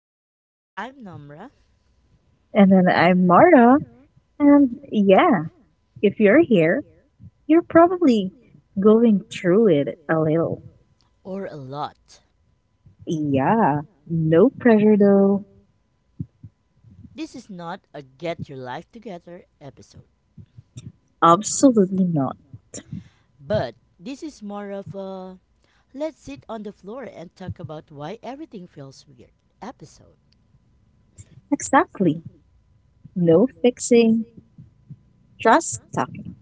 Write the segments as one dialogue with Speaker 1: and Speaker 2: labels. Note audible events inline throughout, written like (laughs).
Speaker 1: podcast. I'm Nomra,
Speaker 2: And then I'm Mara. And yeah, if you're here, you're probably going through it a little.
Speaker 1: or a lot.
Speaker 2: Yeah, no pressure though.
Speaker 1: This is not a get your life together episode,
Speaker 2: Absolutely not.
Speaker 1: but this is more of a let's sit on the floor and talk about why everything feels weird episode.
Speaker 2: Exactly. No fixing, just talking.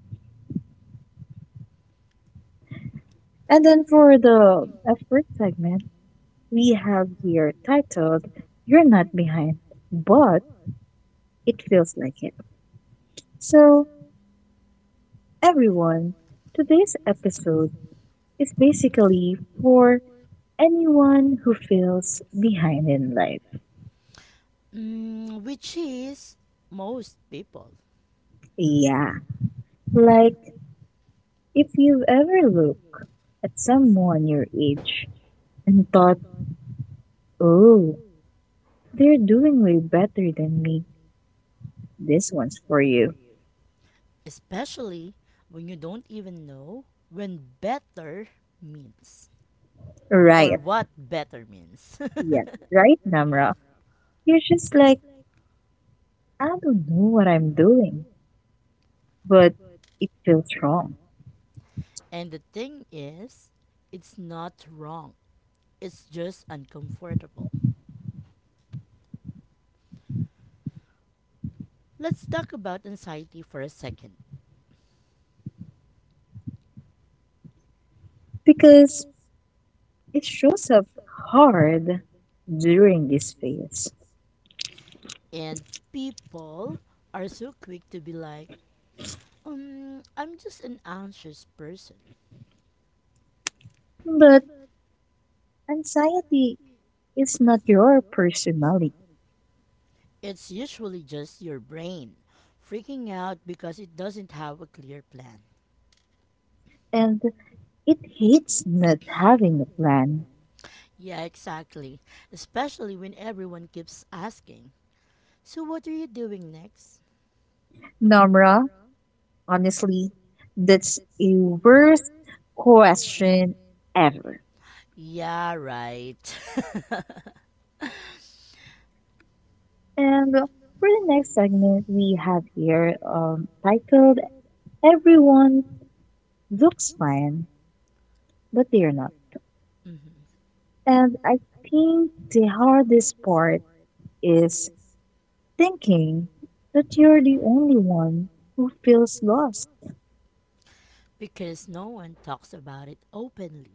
Speaker 2: And then for the expert segment, we have here titled, You're Not Behind, but it feels like it. So, everyone, today's episode is basically for anyone who feels behind in life.
Speaker 1: Which is most people,
Speaker 2: Yeah. Like, if you've ever looked at someone your age and thought, oh, they're doing way better than me, this one's for you.
Speaker 1: especially when you don't even know when better means or
Speaker 2: Right.
Speaker 1: what better means.
Speaker 2: Yeah. Right, Namra? You're just like, I don't know what I'm doing, but it feels wrong
Speaker 1: (laughs) And the thing is, it's not wrong. It's just uncomfortable. Let's talk about anxiety for a second.
Speaker 2: because it shows up hard during this phase.
Speaker 1: And people are so quick to be like, I'm just an anxious person.
Speaker 2: But anxiety is not your personality
Speaker 1: It's usually just your brain freaking out because it doesn't have a clear plan.
Speaker 2: and it hates not having a plan.
Speaker 1: Yeah, exactly. Especially when everyone keeps asking, so what are you doing next?
Speaker 2: Namra, honestly, that's a worst question ever.
Speaker 1: Yeah, right. (laughs)
Speaker 2: And for the next segment we have here titled Everyone Looks Fine, but They're Not.
Speaker 1: Mhm.
Speaker 2: And I think the hardest part is thinking that you're the only one who feels lost.
Speaker 1: Because no one talks about it openly,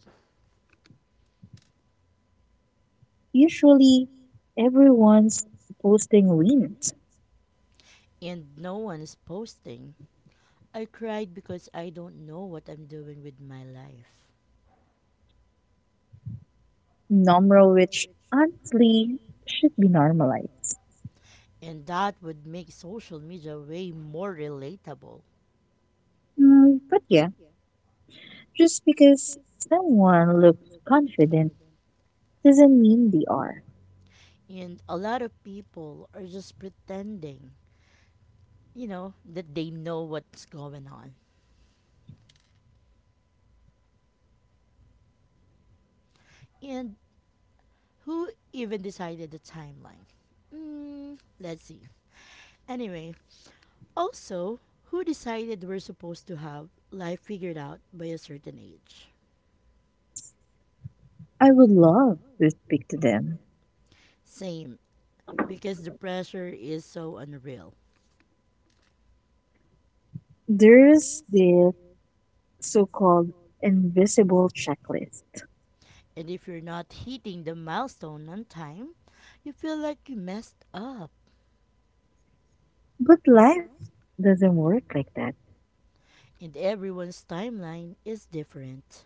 Speaker 2: Usually everyone's posting wins.
Speaker 1: and no one's posting I cried because I don't know what I'm doing with my life.
Speaker 2: Normal, which honestly should be normalized.
Speaker 1: And that would make social media way more relatable.
Speaker 2: Mm, but yeah, just because someone looks confident doesn't mean they are.
Speaker 1: And a lot of people are just pretending, that they know what's going on. And who even decided the timeline? Let's see. Anyway, also, who decided we're supposed to have life figured out by a certain age?
Speaker 2: I would love to speak to them.
Speaker 1: Same, because the pressure is so unreal.
Speaker 2: There's this so called invisible checklist,
Speaker 1: And if you're not hitting the milestone on time, you feel like you messed up.
Speaker 2: but life doesn't work like that.
Speaker 1: And everyone's timeline is different.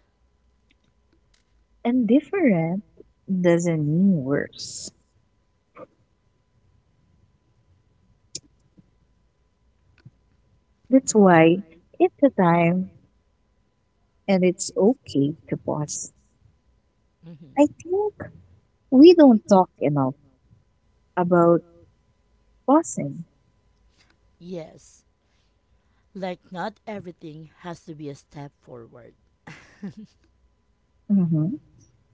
Speaker 2: And different doesn't mean worse. That's why it's a time and it's okay to pause.
Speaker 1: Mhm.
Speaker 2: I think we don't talk enough about pausing.
Speaker 1: Yes, like not everything has to be a step forward (laughs)
Speaker 2: Mm-hmm.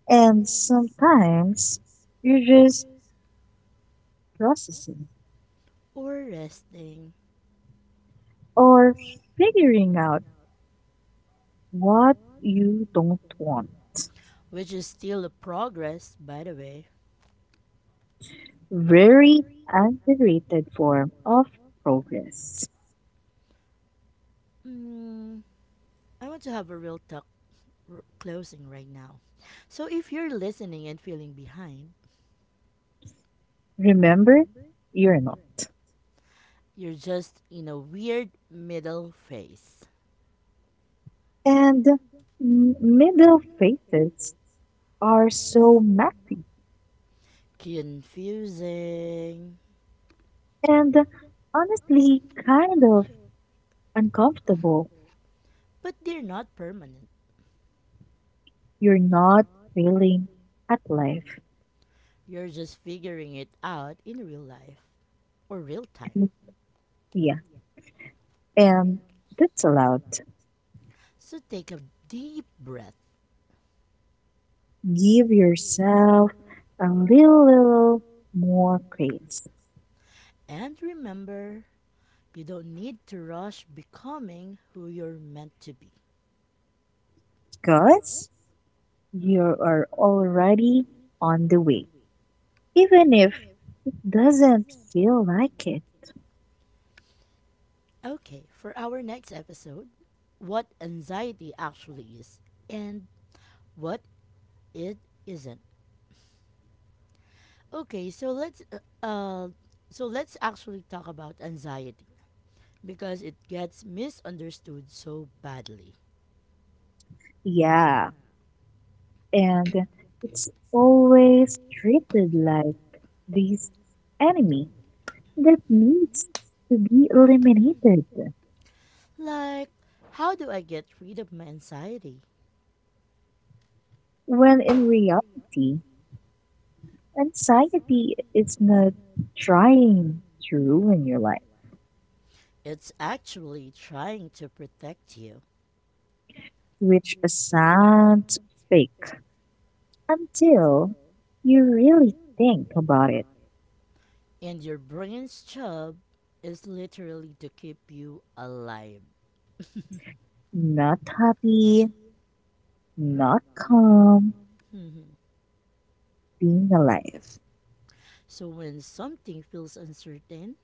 Speaker 2: And sometimes you're just processing
Speaker 1: or resting,
Speaker 2: or figuring out what you don't want.
Speaker 1: which is still a progress, by the way.
Speaker 2: Very underrated form of progress.
Speaker 1: Mm, I want to have a real talk closing right now. So if you're listening and feeling behind,
Speaker 2: Remember, you're not.
Speaker 1: you're just in a weird middle phase.
Speaker 2: And middle phases are so messy
Speaker 1: Confusing,
Speaker 2: and honestly kind of uncomfortable.
Speaker 1: but they're not permanent.
Speaker 2: You're not failing at life. (laughs)
Speaker 1: You're just figuring it out in real life or real time.
Speaker 2: Yeah. And that's allowed.
Speaker 1: So take a deep breath
Speaker 2: Give yourself a little, little more grace
Speaker 1: and remember you don't need to rush becoming who you're meant to be.
Speaker 2: because you are already on the way, even if it doesn't feel like it.
Speaker 1: Okay, for our next episode, what anxiety actually is and what it isn't. Okay, so let's actually talk about anxiety because it gets misunderstood so badly.
Speaker 2: Yeah, and it's always treated like this enemy that needs to be eliminated,
Speaker 1: Like, how do I get rid of my anxiety?
Speaker 2: when in reality, anxiety is not trying to ruin your life,
Speaker 1: It's actually trying to protect you.
Speaker 2: which sounds fake until you really think about it.
Speaker 1: And your brain's job is literally to keep you alive.
Speaker 2: Not happy, not calm,
Speaker 1: Mhm.
Speaker 2: being alive.
Speaker 1: So when something feels uncertain,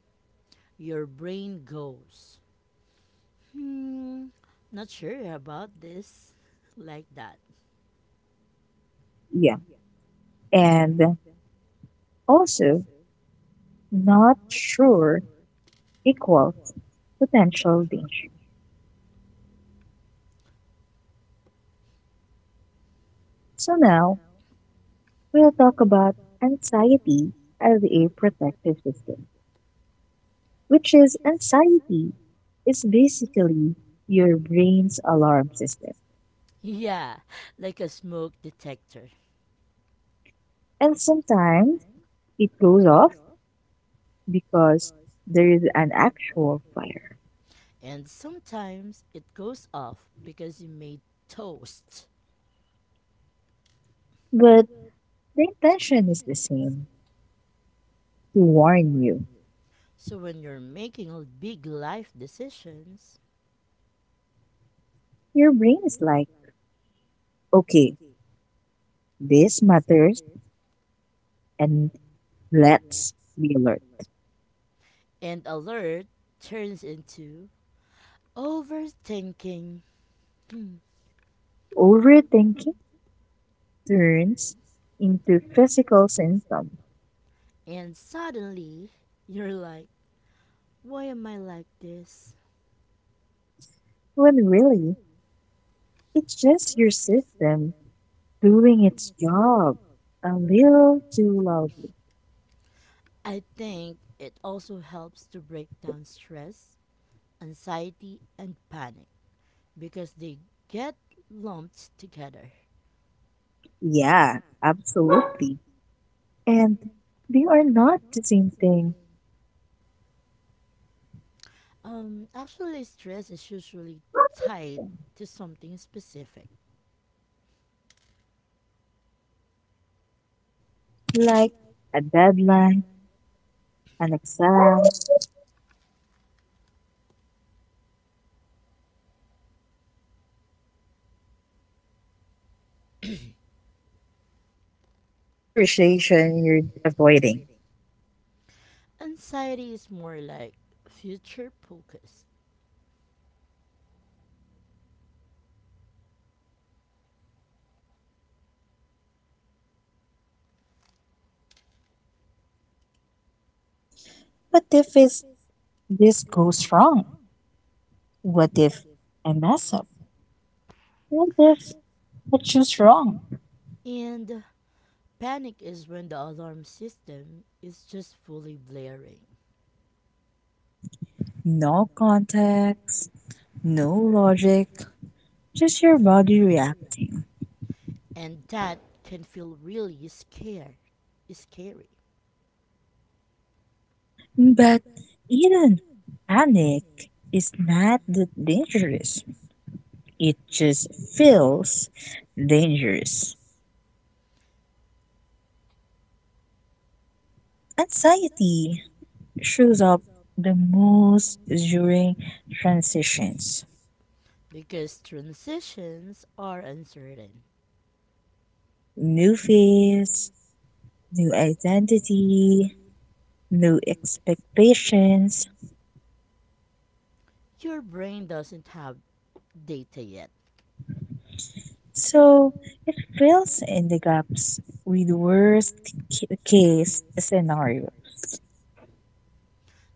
Speaker 1: your brain goes, hmm, not sure about this, (laughs) like that.
Speaker 2: Yeah. And also not sure equals potential danger. So now we'll talk about anxiety as a protective system, which is anxiety is basically your brain's alarm system.
Speaker 1: Yeah, like a smoke detector.
Speaker 2: And sometimes it goes off because there is an actual fire.
Speaker 1: And sometimes it goes off because you made toast.
Speaker 2: But the intention is the same, to warn you.
Speaker 1: So when you're making big life decisions,
Speaker 2: Your brain is like, okay, this matters and let's be alert.
Speaker 1: and alert turns into overthinking, (clears throat) Hmm.
Speaker 2: Overthinking turns into physical symptom
Speaker 1: And suddenly you're like, why am I like this?
Speaker 2: when really it's just your system doing its job a little too loudly.
Speaker 1: I think it also helps to break down stress, anxiety, and panic because they get lumped together.
Speaker 2: Yeah, absolutely. And they are not the same thing,
Speaker 1: Actually, stress is usually tied to something specific.
Speaker 2: like a deadline, an exam, a conversation you're avoiding.
Speaker 1: Anxiety is more like future focus.
Speaker 2: What if it's, this goes wrong? What if I mess up? What if I choose wrong?
Speaker 1: And panic is when the alarm system is just fully blaring.
Speaker 2: No context, no logic, just your body reacting.
Speaker 1: And that can feel really scary
Speaker 2: But even panic is not that dangerous. It just feels dangerous. Anxiety shows up the most during transitions.
Speaker 1: because transitions are uncertain.
Speaker 2: New phase, new identity, new expectations.
Speaker 1: Your brain doesn't have data yet.
Speaker 2: So it fills in the gaps with worst case scenario.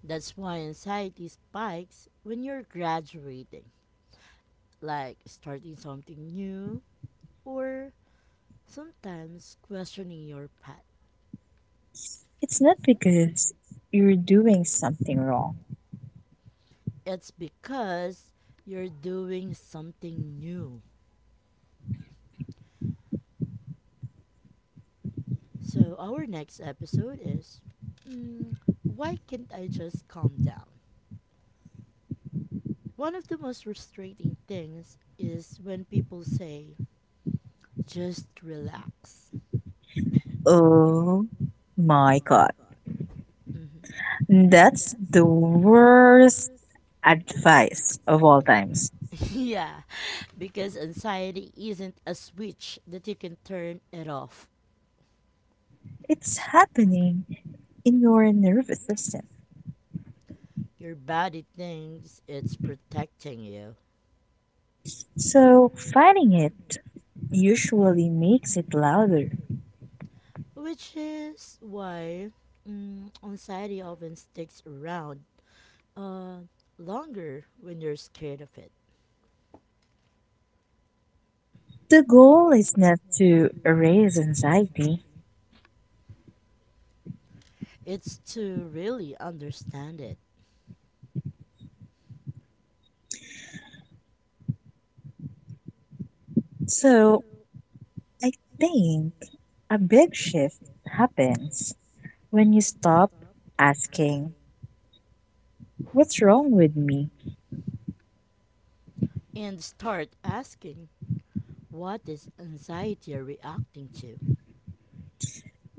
Speaker 1: That's why anxiety spikes when you're graduating, like starting something new or sometimes questioning your path.
Speaker 2: It's not because you're doing something wrong.
Speaker 1: It's because you're doing something new. So, our next episode is mm, Why Can't I Just Calm Down? One of the most frustrating things is when people say, just relax.
Speaker 2: Oh my god.
Speaker 1: Mhm.
Speaker 2: That's the worst advice of all times.
Speaker 1: (laughs) Yeah, because anxiety isn't a switch that you can turn it off.
Speaker 2: It's happening in your nervous system.
Speaker 1: Your body thinks it's protecting you,
Speaker 2: So, fighting it usually makes it louder.
Speaker 1: which is why anxiety often sticks around uh, longer when you're scared of it.
Speaker 2: The goal is not to erase anxiety.
Speaker 1: It's to really understand it
Speaker 2: So, I think a big shift happens when you stop asking, what's wrong with me?
Speaker 1: and start asking what is anxiety reacting to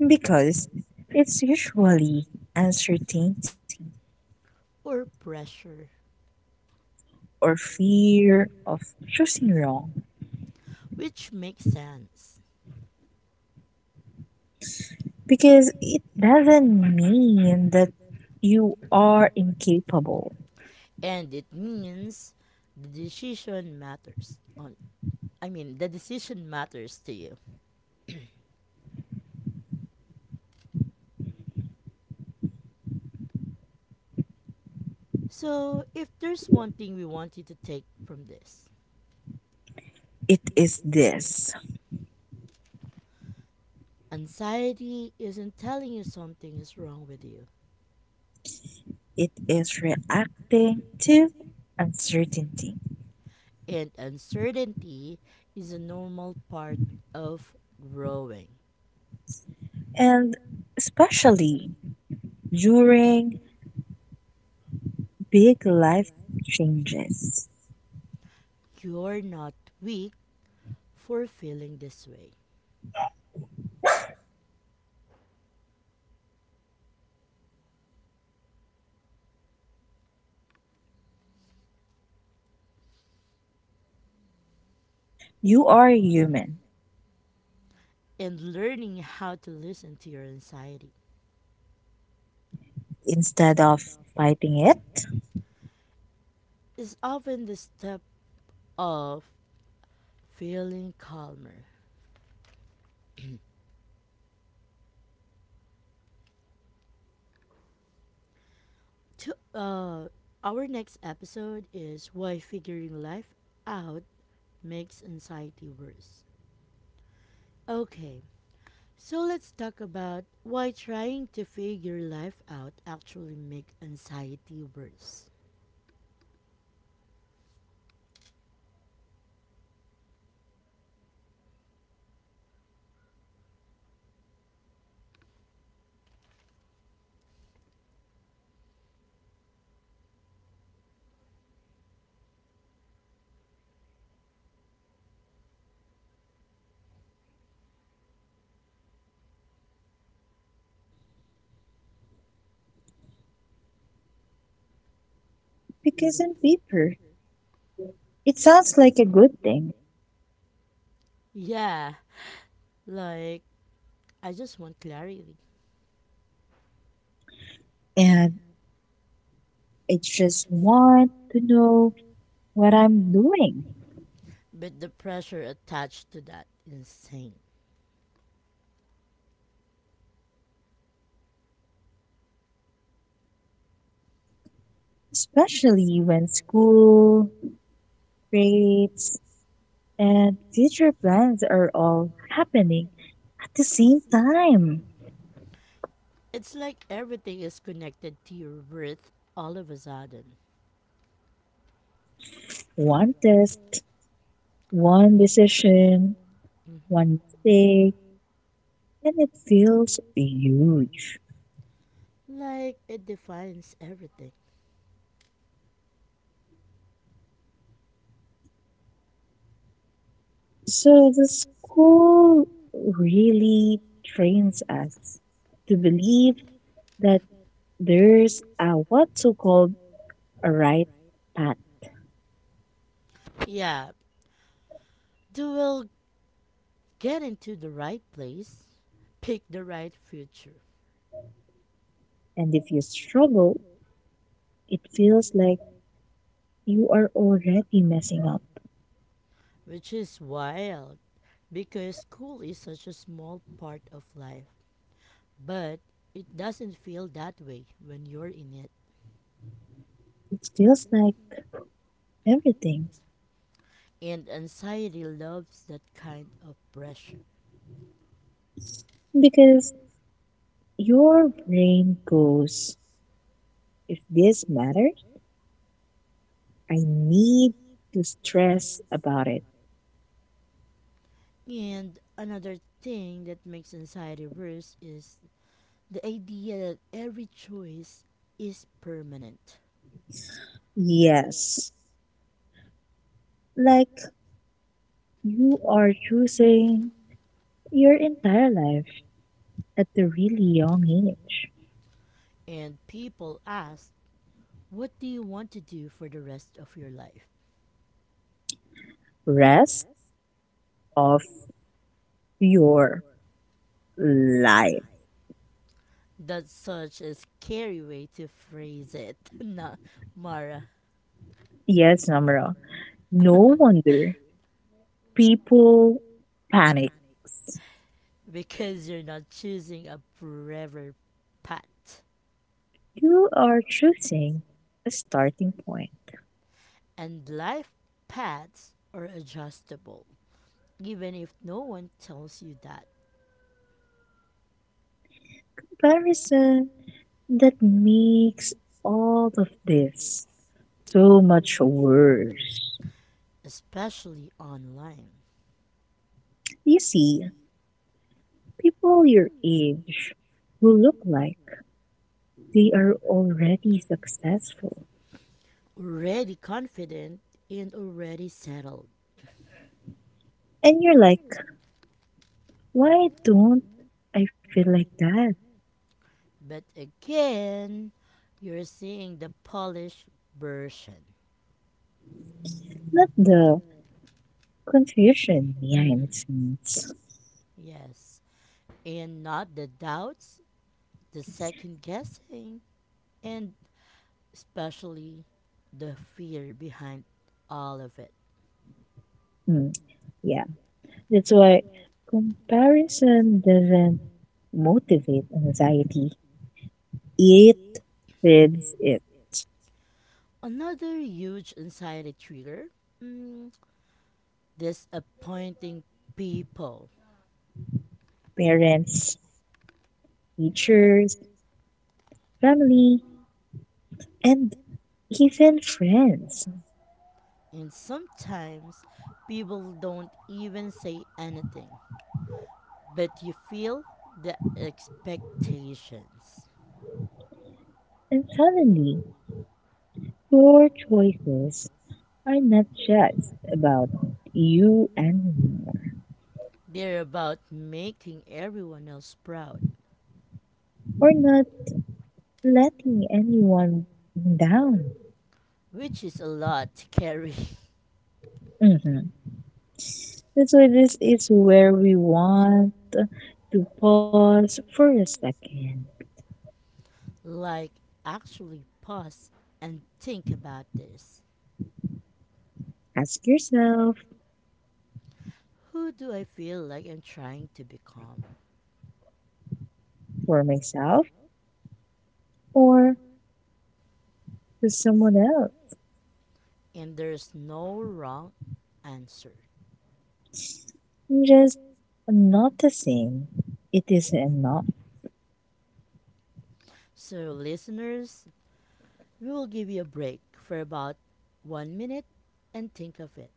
Speaker 2: Because it's usually uncertainty
Speaker 1: or pressure,
Speaker 2: or fear of choosing wrong.
Speaker 1: which makes sense.
Speaker 2: Because it doesn't mean that you are incapable.
Speaker 1: And it means the decision matters. The decision matters to you. So, if there's one thing we want you to take from this,
Speaker 2: It is this,
Speaker 1: anxiety isn't telling you something is wrong with you,
Speaker 2: it is reacting to uncertainty,
Speaker 1: and uncertainty is a normal part of growing.
Speaker 2: and especially during big life changes.
Speaker 1: You're not weak for feeling this way.
Speaker 2: You are human
Speaker 1: And learning how to listen to your anxiety
Speaker 2: instead of fighting it,
Speaker 1: is often the step of feeling calmer. To our next episode is why figuring life out makes anxiety worse. Okay, so let's talk about why trying to figure life out actually makes anxiety worse.
Speaker 2: because on paper, it sounds like a good thing,
Speaker 1: Yeah, like I just want clarity.
Speaker 2: and I just want to know what I'm doing,
Speaker 1: But the pressure attached to that is insane.
Speaker 2: especially when school, grades, and future plans are all happening at the same time.
Speaker 1: It's like everything is connected to your worth all of a sudden.
Speaker 2: One test, one decision,
Speaker 1: Mhm.
Speaker 2: one mistake, and it feels huge.
Speaker 1: Like it defines everything.
Speaker 2: So the school really trains us to believe that there's a what so called a right path.
Speaker 1: Yeah, you will get into the right place, pick the right future,
Speaker 2: And if you struggle, it feels like you are already messing up.
Speaker 1: which is wild because school is such a small part of life. But it doesn't feel that way when you're in it.
Speaker 2: It feels like everything
Speaker 1: And anxiety loves that kind of pressure.
Speaker 2: because your brain goes, if this matters, I need to stress about it.
Speaker 1: And another thing that makes anxiety worse is the idea that every choice is permanent.
Speaker 2: Yes, like you are choosing your entire life at a really young age.
Speaker 1: And people ask, what do you want to do for the rest of your life?
Speaker 2: Rest of your life.
Speaker 1: That's such a scary way to phrase it, (laughs) na Mara,
Speaker 2: Yes, Namra. No wonder people panic.
Speaker 1: because you're not choosing a forever path.
Speaker 2: You are choosing a starting point.
Speaker 1: And life paths are adjustable, even if no one tells you that,
Speaker 2: Comparison that makes all of this so much worse.
Speaker 1: especially online.
Speaker 2: You see, people your age who look like they are already successful.
Speaker 1: Already confident and already settled.
Speaker 2: And you're like, why don't I feel like that?
Speaker 1: But again, you're seeing the polished version.
Speaker 2: Not the confusion behind
Speaker 1: Hmm.
Speaker 2: the scenes.
Speaker 1: Yes. And not the doubts, the second guessing, and especially the fear behind all of it.
Speaker 2: Mm, yeah, that's why comparison doesn't motivate anxiety, it feeds it.
Speaker 1: Another huge anxiety trigger mm, disappointing people.
Speaker 2: Parents, teachers, family, and even friends.
Speaker 1: And sometimes people don't even say anything. But you feel the expectations.
Speaker 2: And suddenly, your choices are not just about you anymore
Speaker 1: They're about making everyone else proud,
Speaker 2: or not letting anyone down.
Speaker 1: which is a lot to carry.
Speaker 2: Mhm. That's why this is where we want to pause for a second.
Speaker 1: (laughs) Like, actually pause and think about this.
Speaker 2: Ask yourself,
Speaker 1: Who do I feel like I'm trying to become?
Speaker 2: for myself or for someone else.
Speaker 1: And there's no wrong answer.
Speaker 2: Just noticing it is enough.
Speaker 1: So, listeners, we will give you a break for about one minute and think of it.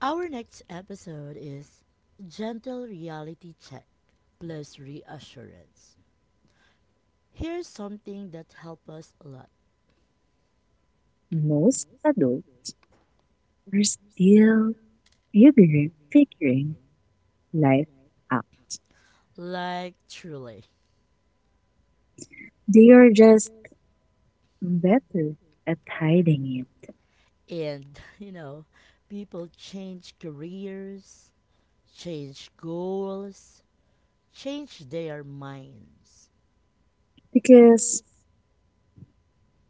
Speaker 1: Our next episode is Gentle Reality Check plus Reassurance. Here's something that helped us a lot.
Speaker 2: Most adults are still figuring life out.
Speaker 1: Like, truly.
Speaker 2: They are just better at hiding it.
Speaker 1: And, (laughs) people change careers, change goals, change their minds.
Speaker 2: Because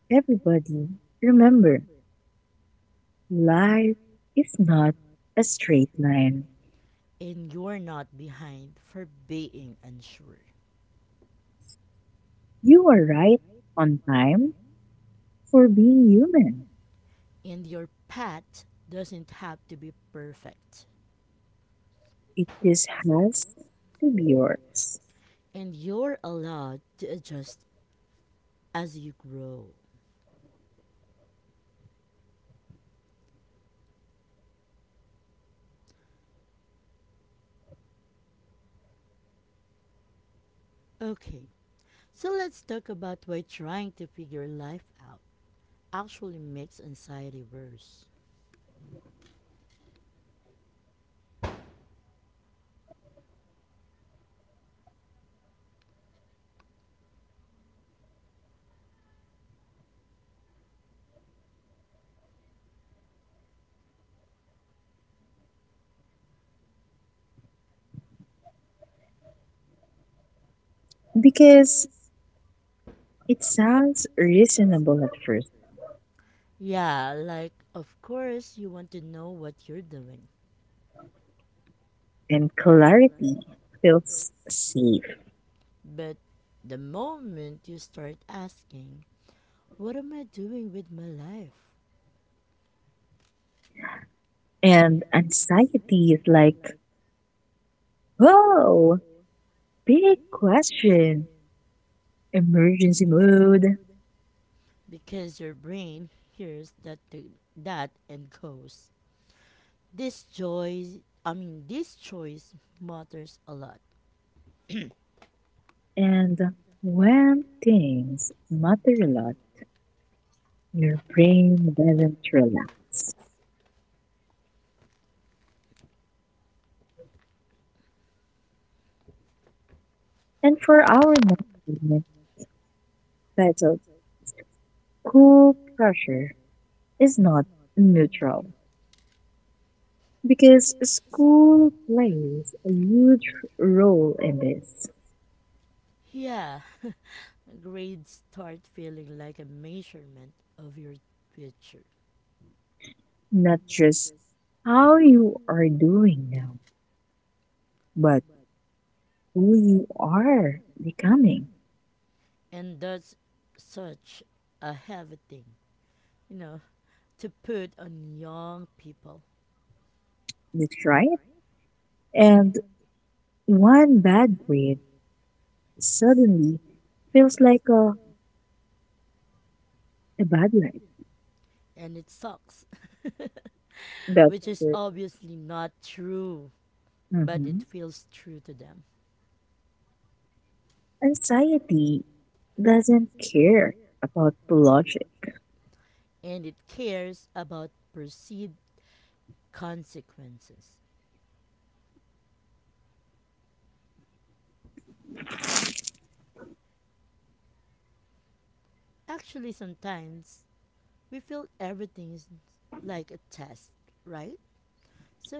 Speaker 2: everybody, remember, life is not a straight line.
Speaker 1: And you're not behind for being unsure.
Speaker 2: You are right on time for being human.
Speaker 1: And your path doesn't have to be perfect.
Speaker 2: It just has to be yours.
Speaker 1: And you're allowed to adjust as you grow. Okay, so let's talk about why trying to figure life out actually makes anxiety worse.
Speaker 2: Because it sounds reasonable at first,
Speaker 1: Yeah, like, of course, you want to know what you're doing,
Speaker 2: and clarity feels safe.
Speaker 1: but the moment you start asking, what am I doing with my life?
Speaker 2: And anxiety is like, whoa, big question, emergency mode.
Speaker 1: Because your brain hears that and goes, This choice, I mean, this choice matters a lot.
Speaker 2: And when things matter a lot, your brain doesn't relax. And for our next segment titled School Pressure is Not Neutral, because school plays a huge role in this.
Speaker 1: Yeah, grades start feeling like a measurement of your future.
Speaker 2: Not just how you are doing now, but who you are becoming.
Speaker 1: And that's such a heavy thing, you know, to put on young people.
Speaker 2: That's right. And one bad grade suddenly feels like a bad life.
Speaker 1: And it sucks, (laughs)
Speaker 2: That's
Speaker 1: which is
Speaker 2: true.
Speaker 1: obviously not true, but it
Speaker 2: Hmm.
Speaker 1: feels true to them.
Speaker 2: Anxiety doesn't care about logic.
Speaker 1: And it cares about perceived consequences. Actually, sometimes we feel everything is like a test, right?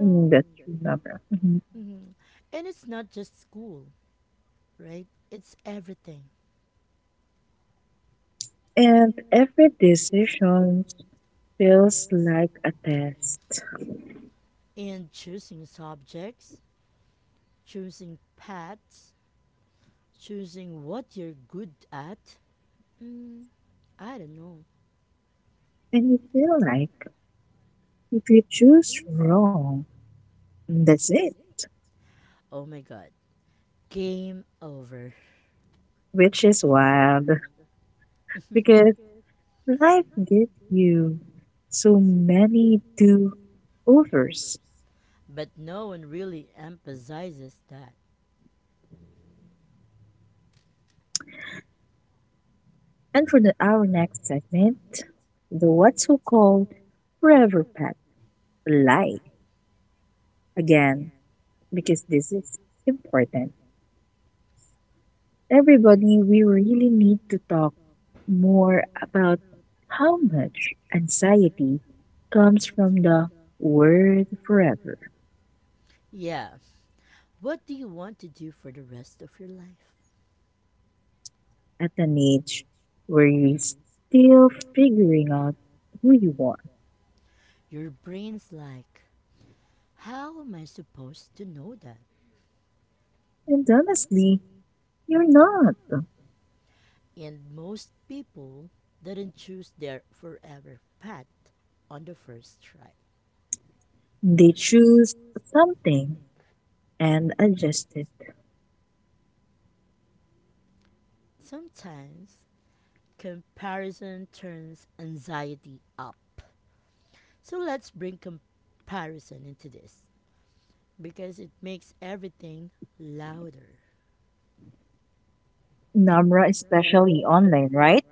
Speaker 2: Mm, that's true, Navra. Mhm.
Speaker 1: mhm. And it's not just school, right? It's everything.
Speaker 2: And every decision feels like a test.
Speaker 1: And choosing subjects, choosing paths, choosing what you're good at. Mm, I don't know.
Speaker 2: And you feel like if you choose wrong, that's it,
Speaker 1: Oh my god. Game over.
Speaker 2: which is wild. (laughs)
Speaker 1: (laughs)
Speaker 2: Because life gives you so many do overs.
Speaker 1: But no one really emphasizes that.
Speaker 2: And for the, our next segment, the what's so called forever pack. Lie again, because this is important. Everybody, we really need to talk more about how much anxiety comes from the word forever
Speaker 1: Yeah. What do you want to do for the rest of your life?
Speaker 2: at an age where you're still figuring out who you are.
Speaker 1: Your brain's like, how am I supposed to know that?
Speaker 2: And honestly, you're not.
Speaker 1: And most people didn't choose their forever path on the first try.
Speaker 2: They choose something and adjust it.
Speaker 1: Sometimes comparison turns anxiety up. So let's bring comparison into this because it makes everything louder.
Speaker 2: Namra, especially online, right?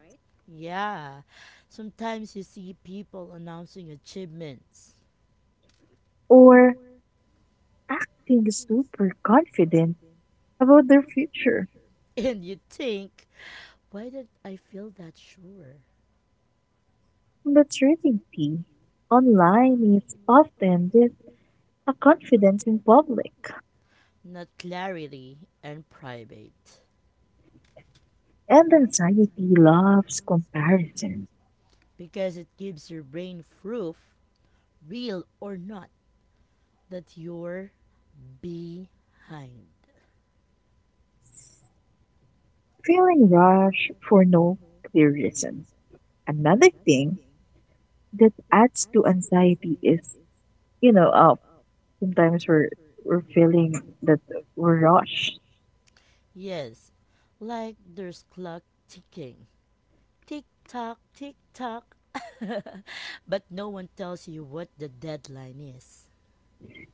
Speaker 1: Yeah, sometimes you see people announcing achievements
Speaker 2: Or acting super confident about their future.
Speaker 1: (laughs) and you think, why did I feel that sure?
Speaker 2: But certainty online is often with a confidence in public,
Speaker 1: Not clarity and private
Speaker 2: and anxiety loves comparison,
Speaker 1: because it gives your brain proof, real or not, that you're behind.
Speaker 2: feeling rushed for no clear reason. Another thing that adds to anxiety is, you know, sometimes we're feeling that we're rushed.
Speaker 1: Yes, like there's clock ticking. Tick tock, tick tock. (laughs) But no one tells you what the deadline is.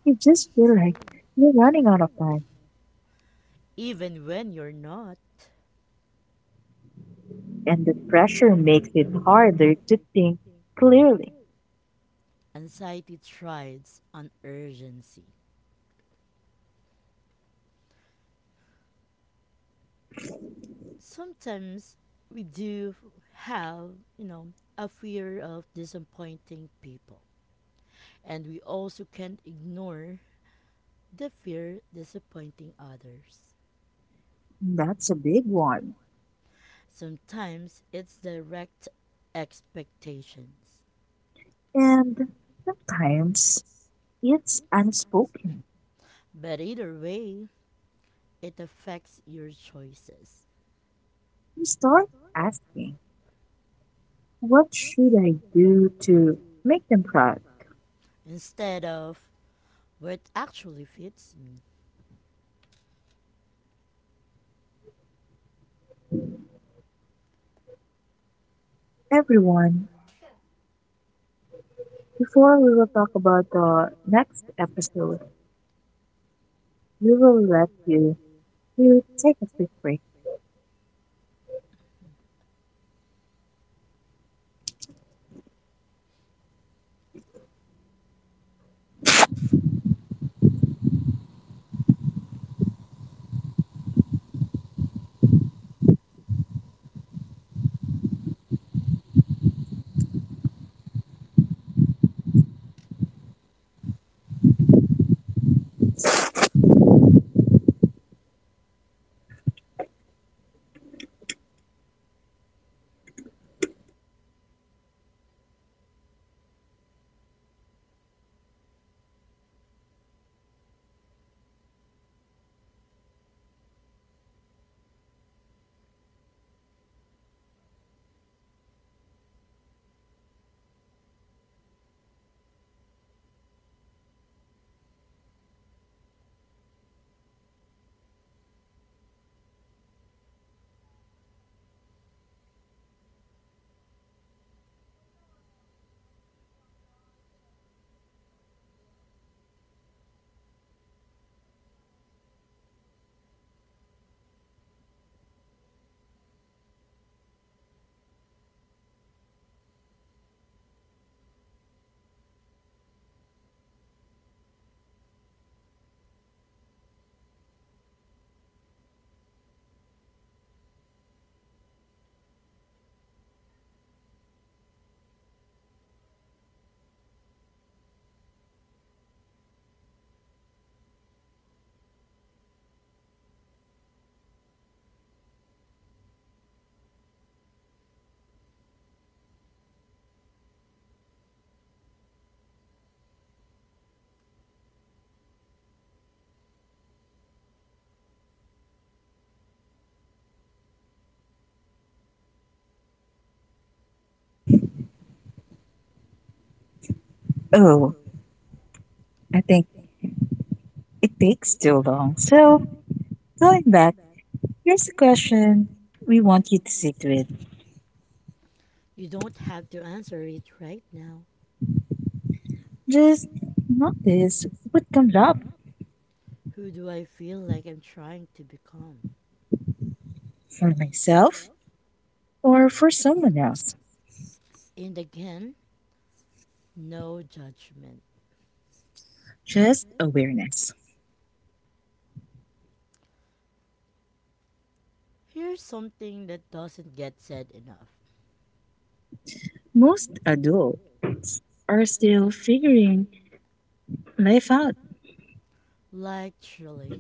Speaker 2: You just feel like you're running out of time,
Speaker 1: Even when you're not,
Speaker 2: and the pressure makes it harder to think clearly.
Speaker 1: anxiety thrives on urgency. Sometimes we do have, you know, a fear of disappointing people. And we also can't ignore the fear disappointing others.
Speaker 2: That's a big one.
Speaker 1: Sometimes it's direct expectations.
Speaker 2: And sometimes it's unspoken.
Speaker 1: But either way, it affects your choices.
Speaker 2: You start asking, what should I do to make them proud?
Speaker 1: Instead of what actually fits me.
Speaker 2: Everyone, before we will talk about the next episode, we will let you to take a quick break. Oh, I think it takes too long. So, going back, here's a question we want you to sit with.
Speaker 1: You don't have to answer it right now.
Speaker 2: Just notice what comes up
Speaker 1: Who do I feel like I'm trying to become?
Speaker 2: for myself or for someone else.
Speaker 1: And again, no judgment.
Speaker 2: Just awareness.
Speaker 1: Here's something that doesn't get said enough.
Speaker 2: Most adults are still figuring life out.
Speaker 1: Literally,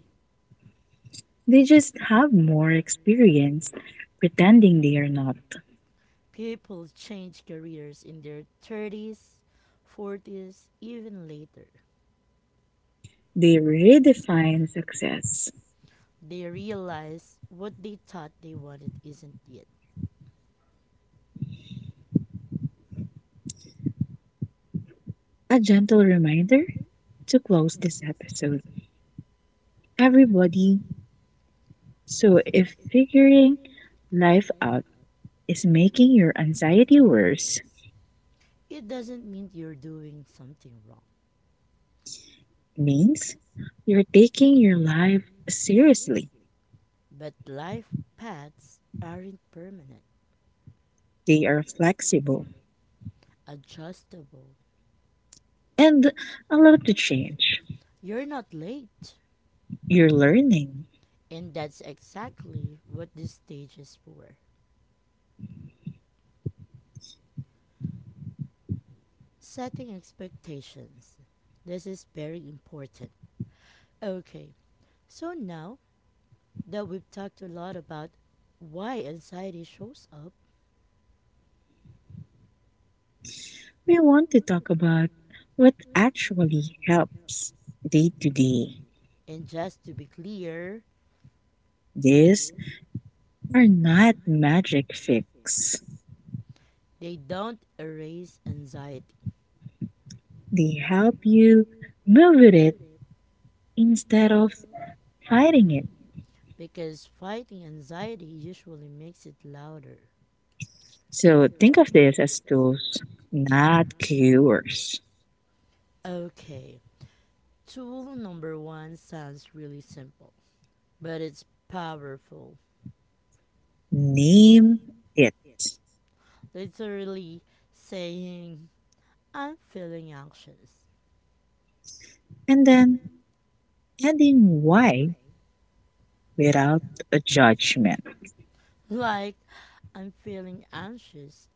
Speaker 2: They just have more experience pretending they are not.
Speaker 1: people change careers in their 30s, 40s, even later.
Speaker 2: They redefine success.
Speaker 1: They realize what they thought they wanted isn't it.
Speaker 2: A gentle reminder to close this episode. Everybody, so if figuring life out is making your anxiety worse,
Speaker 1: It doesn't mean you're doing something wrong.
Speaker 2: means you're taking your life seriously.
Speaker 1: But life paths aren't permanent,
Speaker 2: They are flexible
Speaker 1: adjustable.
Speaker 2: and allowed to change.
Speaker 1: You're not late.
Speaker 2: You're learning.
Speaker 1: And that's exactly what this stage is for. Setting expectations. This is very important. Okay, so now that we've talked a lot about why anxiety shows up,
Speaker 2: We want to talk about what actually helps day to day.
Speaker 1: and just to be clear,
Speaker 2: These are not magic fix.
Speaker 1: they don't erase anxiety
Speaker 2: They help you move with it instead of fighting it.
Speaker 1: because fighting anxiety usually makes it louder.
Speaker 2: So think of this as tools, not cures.
Speaker 1: Okay, tool number one sounds really simple, but it's powerful.
Speaker 2: Name it
Speaker 1: Literally saying, I'm feeling anxious. (laughs)
Speaker 2: and then adding why without a judgment.
Speaker 1: Like, I'm feeling anxious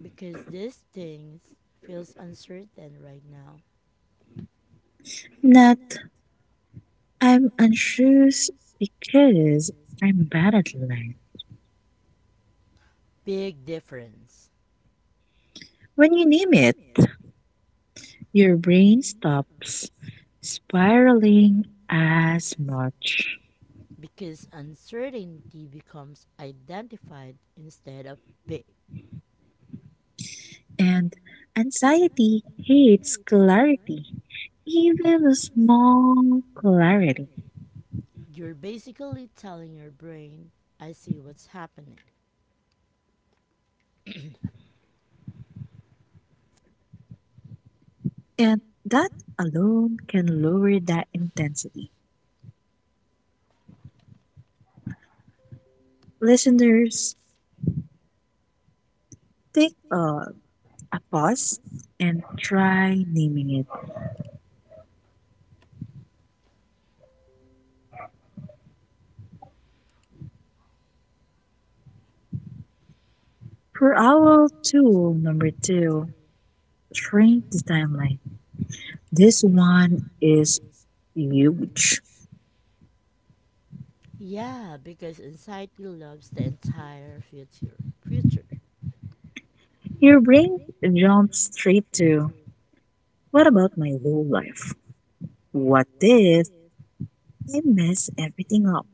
Speaker 1: because this thing feels uncertain right now.
Speaker 2: Not I'm anxious because I'm bad at life.
Speaker 1: Big difference
Speaker 2: When you name it, your brain stops spiraling as much.
Speaker 1: because uncertainty becomes identified instead of big.
Speaker 2: And anxiety hates clarity, even a small clarity.
Speaker 1: You're basically telling your brain, I see what's happening.
Speaker 2: And that alone can lower that intensity. Listeners, take a pause and try naming it. For our tool number two, train the timeline. This one is huge.
Speaker 1: Yeah, because anxiety loves the entire future. Future.
Speaker 2: Your brain jumps straight to what about my whole life? What if I mess everything up?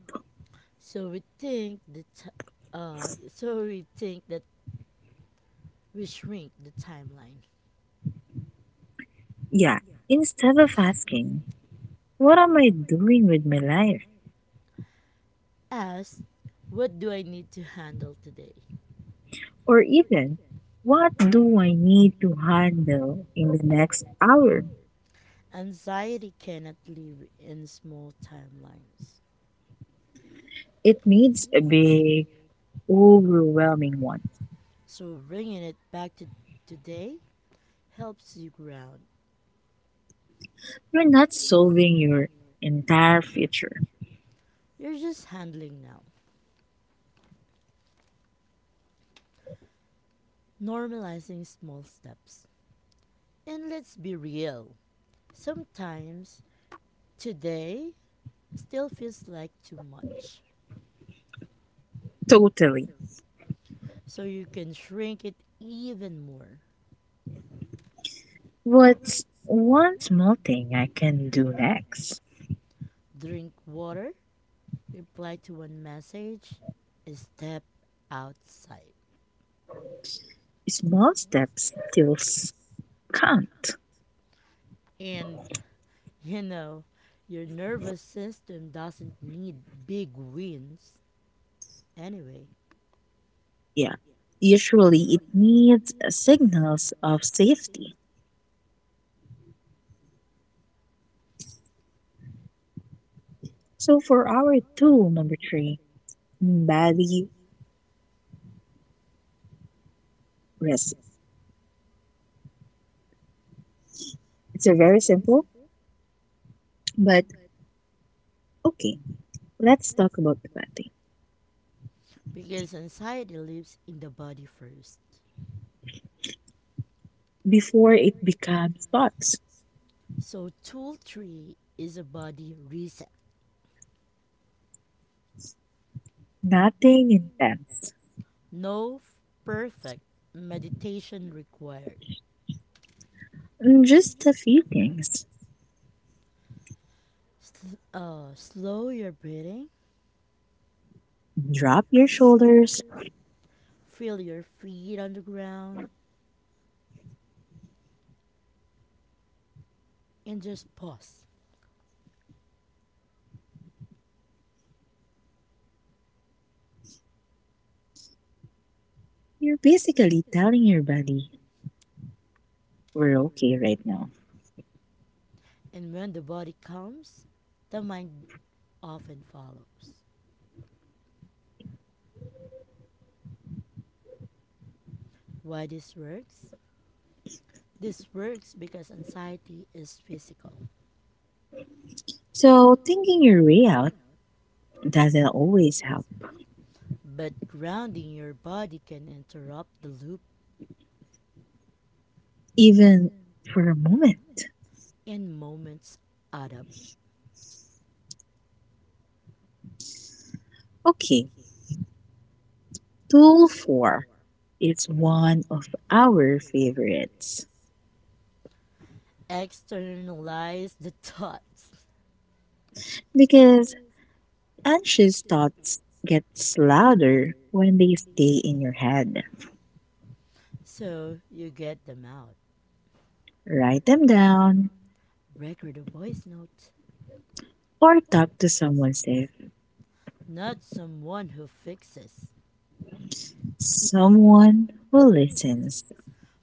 Speaker 1: So we think that we shrink the timeline.
Speaker 2: Yeah, instead of asking, what am I doing with my life?
Speaker 1: Ask, what do I need to handle today?
Speaker 2: Or even, what do I need to handle in the next hour?
Speaker 1: Anxiety cannot live in small timelines.
Speaker 2: It needs a big, overwhelming one.
Speaker 1: So bringing it back to today helps you ground.
Speaker 2: You're not solving your entire future.
Speaker 1: You're just handling now, normalizing small steps. And let's be real. Sometimes today still feels like too much.
Speaker 2: Totally.
Speaker 1: So you can shrink it even more.
Speaker 2: What's one small thing I can do next?
Speaker 1: Drink water, reply to one message, step outside.
Speaker 2: Small steps still count.
Speaker 1: And (laughs) you know, your nervous system doesn't need big wins anyway,
Speaker 2: Yeah. Usually it needs signals of safety. So for our tool number three, body risk. It's a very simple, but okay. Let's talk about the body
Speaker 1: because anxiety lives in the body first.
Speaker 2: before it becomes thoughts.
Speaker 1: So, tool three is a body reset.
Speaker 2: Nothing intense.
Speaker 1: No perfect meditation required.
Speaker 2: Just a few things.
Speaker 1: Slow your breathing,
Speaker 2: Drop your shoulders.
Speaker 1: feel your feet on the ground, and just pause.
Speaker 2: You're basically telling your body, we're okay right now.
Speaker 1: And when the body comes, the mind often follows. Why this works? This works because anxiety is physical,
Speaker 2: So, thinking your way out doesn't always help,
Speaker 1: but grounding your body can interrupt the loop
Speaker 2: even for a moment.
Speaker 1: and moments add up.
Speaker 2: Okay, tool four. It's one of our favorites
Speaker 1: Externalize the (laughs) thoughts
Speaker 2: because anxious thoughts get louder when they stay in your head.
Speaker 1: so you get them out.
Speaker 2: Write them down
Speaker 1: Record a voice note,
Speaker 2: or talk to someone safe,
Speaker 1: not someone who fixes
Speaker 2: someone who listens.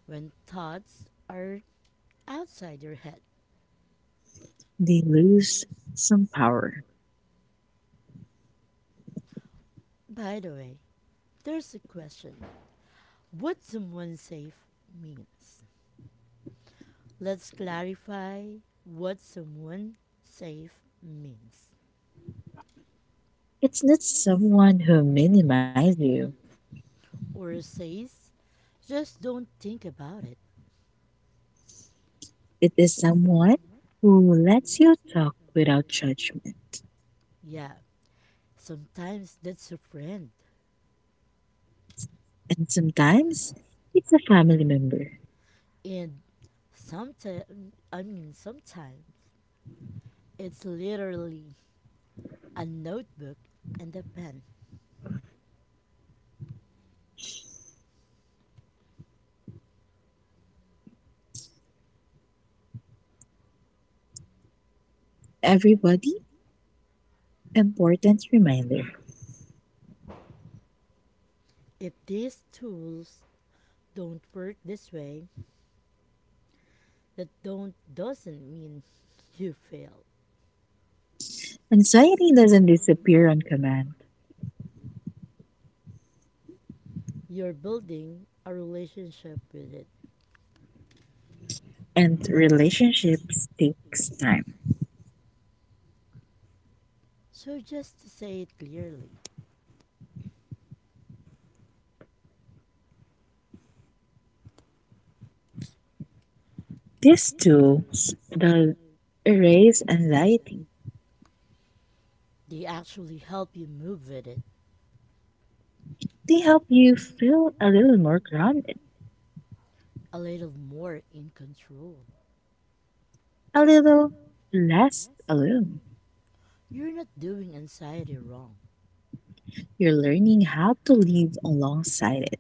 Speaker 1: when thoughts are outside your head.
Speaker 2: They lose some power.
Speaker 1: By the way, there's a question. What someone safe means. Let's clarify what someone safe means
Speaker 2: It's not someone who minimizes you.
Speaker 1: or says. Just don't think about it.
Speaker 2: It is someone who lets you talk without judgment.
Speaker 1: Yeah, sometimes that's a friend,
Speaker 2: And sometimes it's a family member.
Speaker 1: and sometimes I mean sometimes it's literally a notebook and a pen.
Speaker 2: Everybody, important reminder.
Speaker 1: If these tools don't work this way, that don't doesn't mean (laughs) you fail.
Speaker 2: Anxiety doesn't disappear on command,
Speaker 1: You're building a relationship with it.
Speaker 2: and relationships takes time.
Speaker 1: So just to say it clearly,
Speaker 2: These tools that erase anxiety,
Speaker 1: they actually help you move with it
Speaker 2: they help you feel a little more grounded,
Speaker 1: a little more in control.
Speaker 2: a little less alone.
Speaker 1: You're not doing anxiety wrong,
Speaker 2: You're learning how to live alongside it.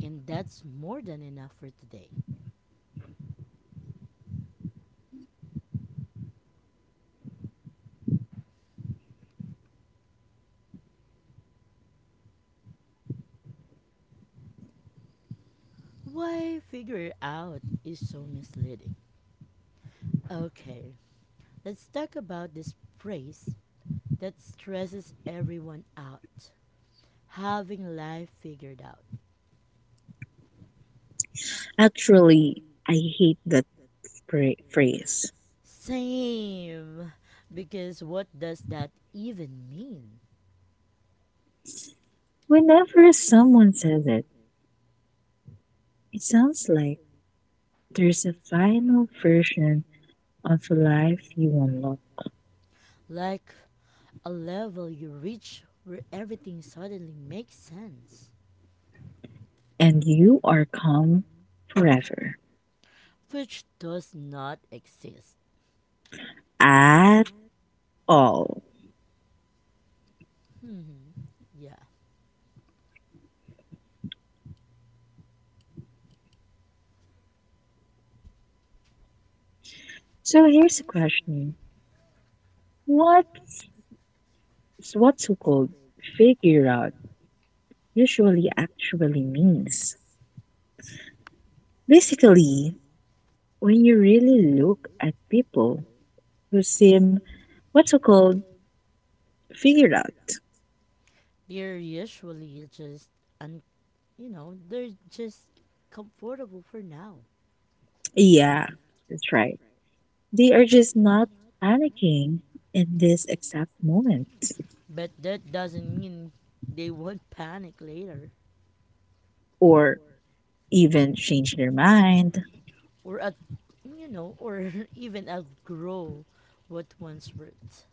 Speaker 1: and that's more than enough for today. Why figure it out is so misleading. Okay, let's talk about this phrase that stresses everyone out having life figured out.
Speaker 2: Actually, I hate that phrase.
Speaker 1: Same. Because what does that even mean?
Speaker 2: Whenever someone says it, it sounds like there's a final version of life you unlock,
Speaker 1: Like a level you reach where everything suddenly makes sense,
Speaker 2: and you are calm forever.
Speaker 1: which does not exist.
Speaker 2: At all.
Speaker 1: Hmm. Yeah.
Speaker 2: So here's a question. What's what so-called figure out usually actually means? Basically, when you really look at people who seem what's so-called figured out.
Speaker 1: They're usually just, un- they're just comfortable for now.
Speaker 2: Yeah, that's right. They are just not panicking in this exact moment
Speaker 1: But that doesn't mean they won't panic later.
Speaker 2: or even change their mind.
Speaker 1: Or at or (laughs) even outgrow what once worked.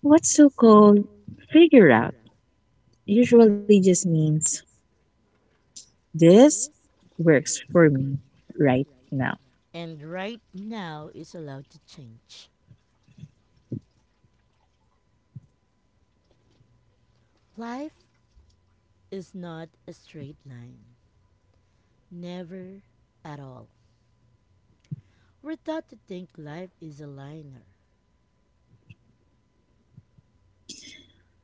Speaker 2: What's so called figure out usually just means this works for me right now.
Speaker 1: And right now is allowed to change. Life is not a straight line, never at all. We're taught to think life is a liner,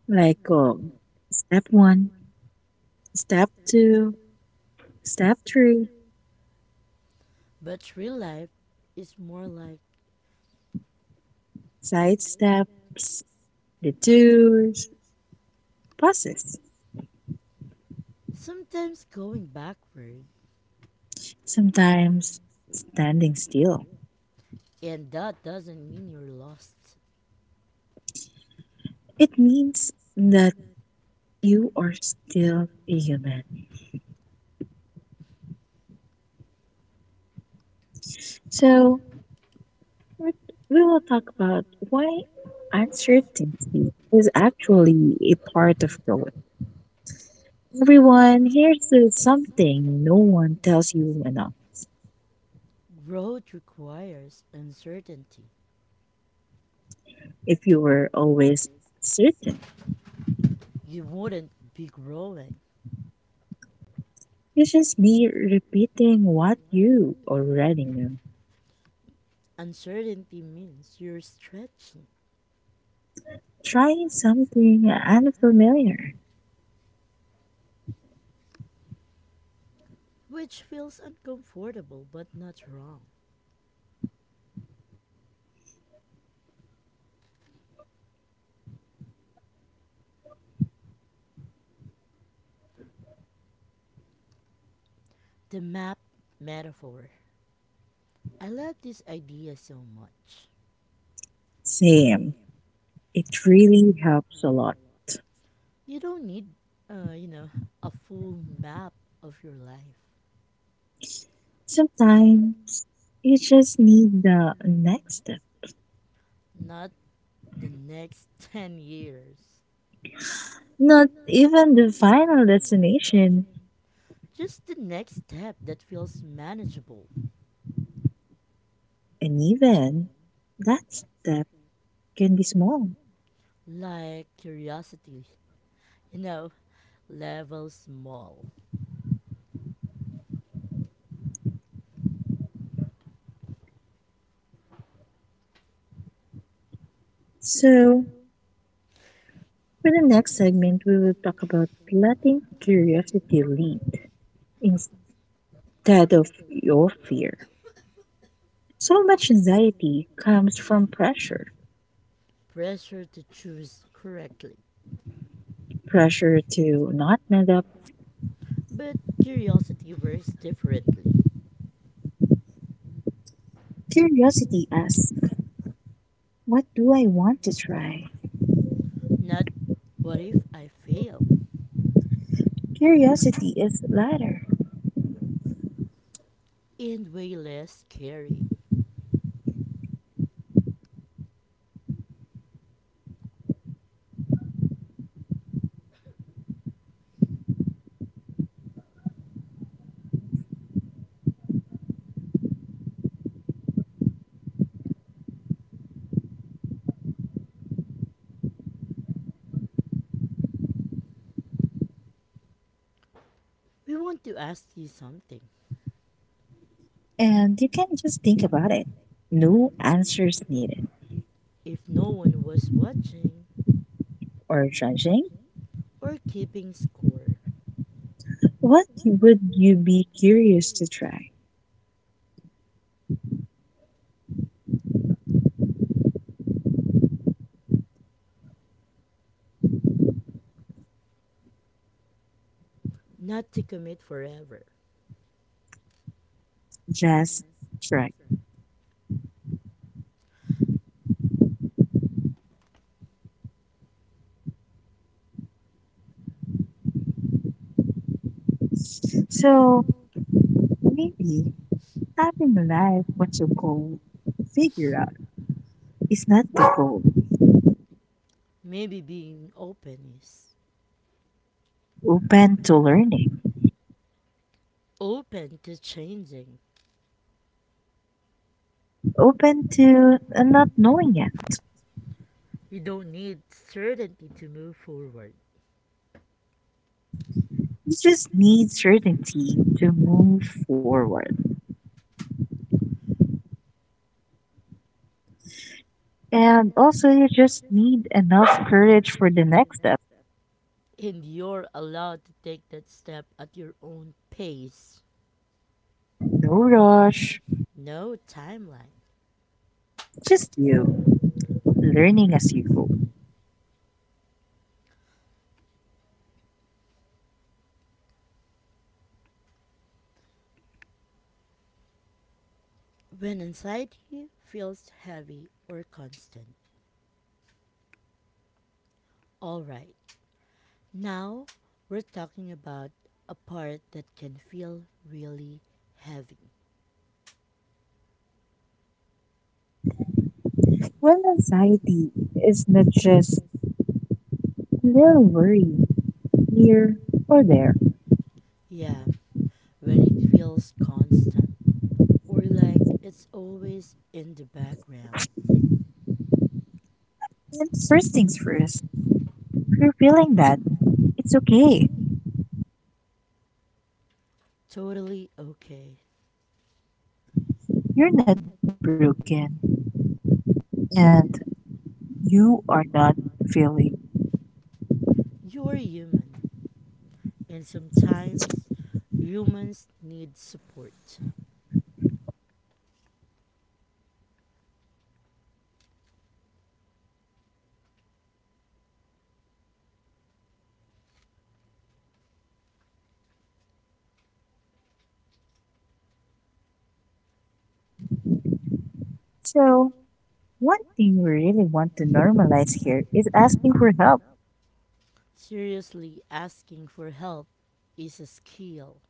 Speaker 2: Like oh, step one, step two, step three,
Speaker 1: but real life is more like
Speaker 2: side steps, detours, pauses.
Speaker 1: sometimes going backward,
Speaker 2: Sometimes standing still.
Speaker 1: and that doesn't mean you're lost.
Speaker 2: It means that you are still a human. So But we will talk about why uncertainty is actually a part of growth. Everyone, here's the something no one tells you enough.
Speaker 1: Growth requires uncertainty.
Speaker 2: If you were always certain,
Speaker 1: You wouldn't be growing.
Speaker 2: it's just me repeating what you already knew.
Speaker 1: Uncertainty means you're stretching,
Speaker 2: Trying something unfamiliar.
Speaker 1: which feels uncomfortable but not wrong. The map metaphor. I love this idea so much.
Speaker 2: Same. It really helps a lot.
Speaker 1: You don't need, uh, you know, a full map of your life,
Speaker 2: Sometimes you just need the next step,
Speaker 1: not the next (laughs) 10 years.
Speaker 2: not even the final destination.
Speaker 1: Just the next step that feels manageable,
Speaker 2: And even that step can be small.
Speaker 1: like curiosity, you know, level small,
Speaker 2: So, for the next segment, we will talk about letting curiosity lead instead of your fear. So much anxiety comes from pressure
Speaker 1: pressure to choose correctly.
Speaker 2: pressure to not let up.
Speaker 1: But curiosity works differently.
Speaker 2: Curiosity asks, what do I want to try?
Speaker 1: Not what if I fail?
Speaker 2: Curiosity is louder,
Speaker 1: And way less scary. We want to ask you something.
Speaker 2: and you can just think about it. No answers needed.
Speaker 1: If no one was watching
Speaker 2: Or judging?
Speaker 1: or keeping score,
Speaker 2: What would you be curious to try?
Speaker 1: not to commit forever.
Speaker 2: Just correct. So maybe having a life what's your goal figure out is not the goal.
Speaker 1: Maybe being open is
Speaker 2: Open to learning,
Speaker 1: open to changing.
Speaker 2: open to not knowing it.
Speaker 1: You don't need certainty to move forward.
Speaker 2: You just need certainty to move forward. And also, you just need enough courage for the next step.
Speaker 1: And you're allowed to take that step at your own pace.
Speaker 2: No rush,
Speaker 1: No timeline.
Speaker 2: just you learning as you go.
Speaker 1: When anxiety feels heavy or constant. All right, now we're talking about a part that can feel really heavy.
Speaker 2: Well, anxiety is not just a little worry here or there.
Speaker 1: Yeah, when it feels constant or like it's always in the background.
Speaker 2: And first things first, if you're feeling bad, it's okay.
Speaker 1: Totally okay.
Speaker 2: You're not broken and you are not failing.
Speaker 1: You're human, and sometimes humans need support.
Speaker 2: So, one thing we really want to normalize here is asking for help.
Speaker 1: Seriously, asking for help is a skill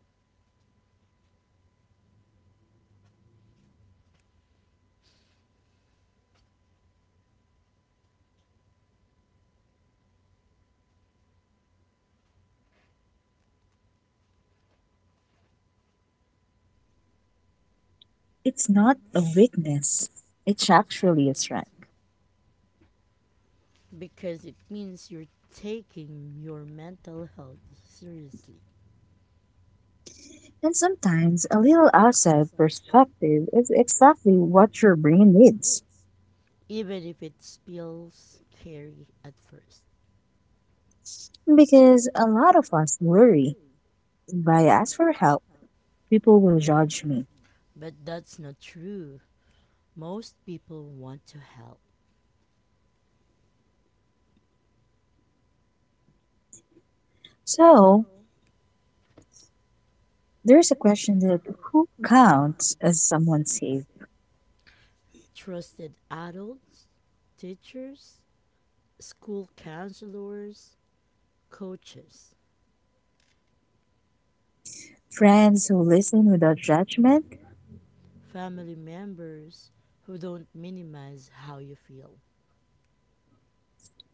Speaker 2: It's not a weakness, it's actually a strength.
Speaker 1: because it means you're taking your mental health seriously.
Speaker 2: And sometimes a little outside perspective is exactly what your brain needs.
Speaker 1: Even if it feels scary at first.
Speaker 2: Because a lot of us worry if I ask for help, people will judge me.
Speaker 1: But that's not true. Most people want to help.
Speaker 2: So, there's a question that who counts as someone safe?
Speaker 1: Trusted adults, teachers, school counselors, coaches,
Speaker 2: Friends who listen without judgment?
Speaker 1: family members who don't minimize how you feel.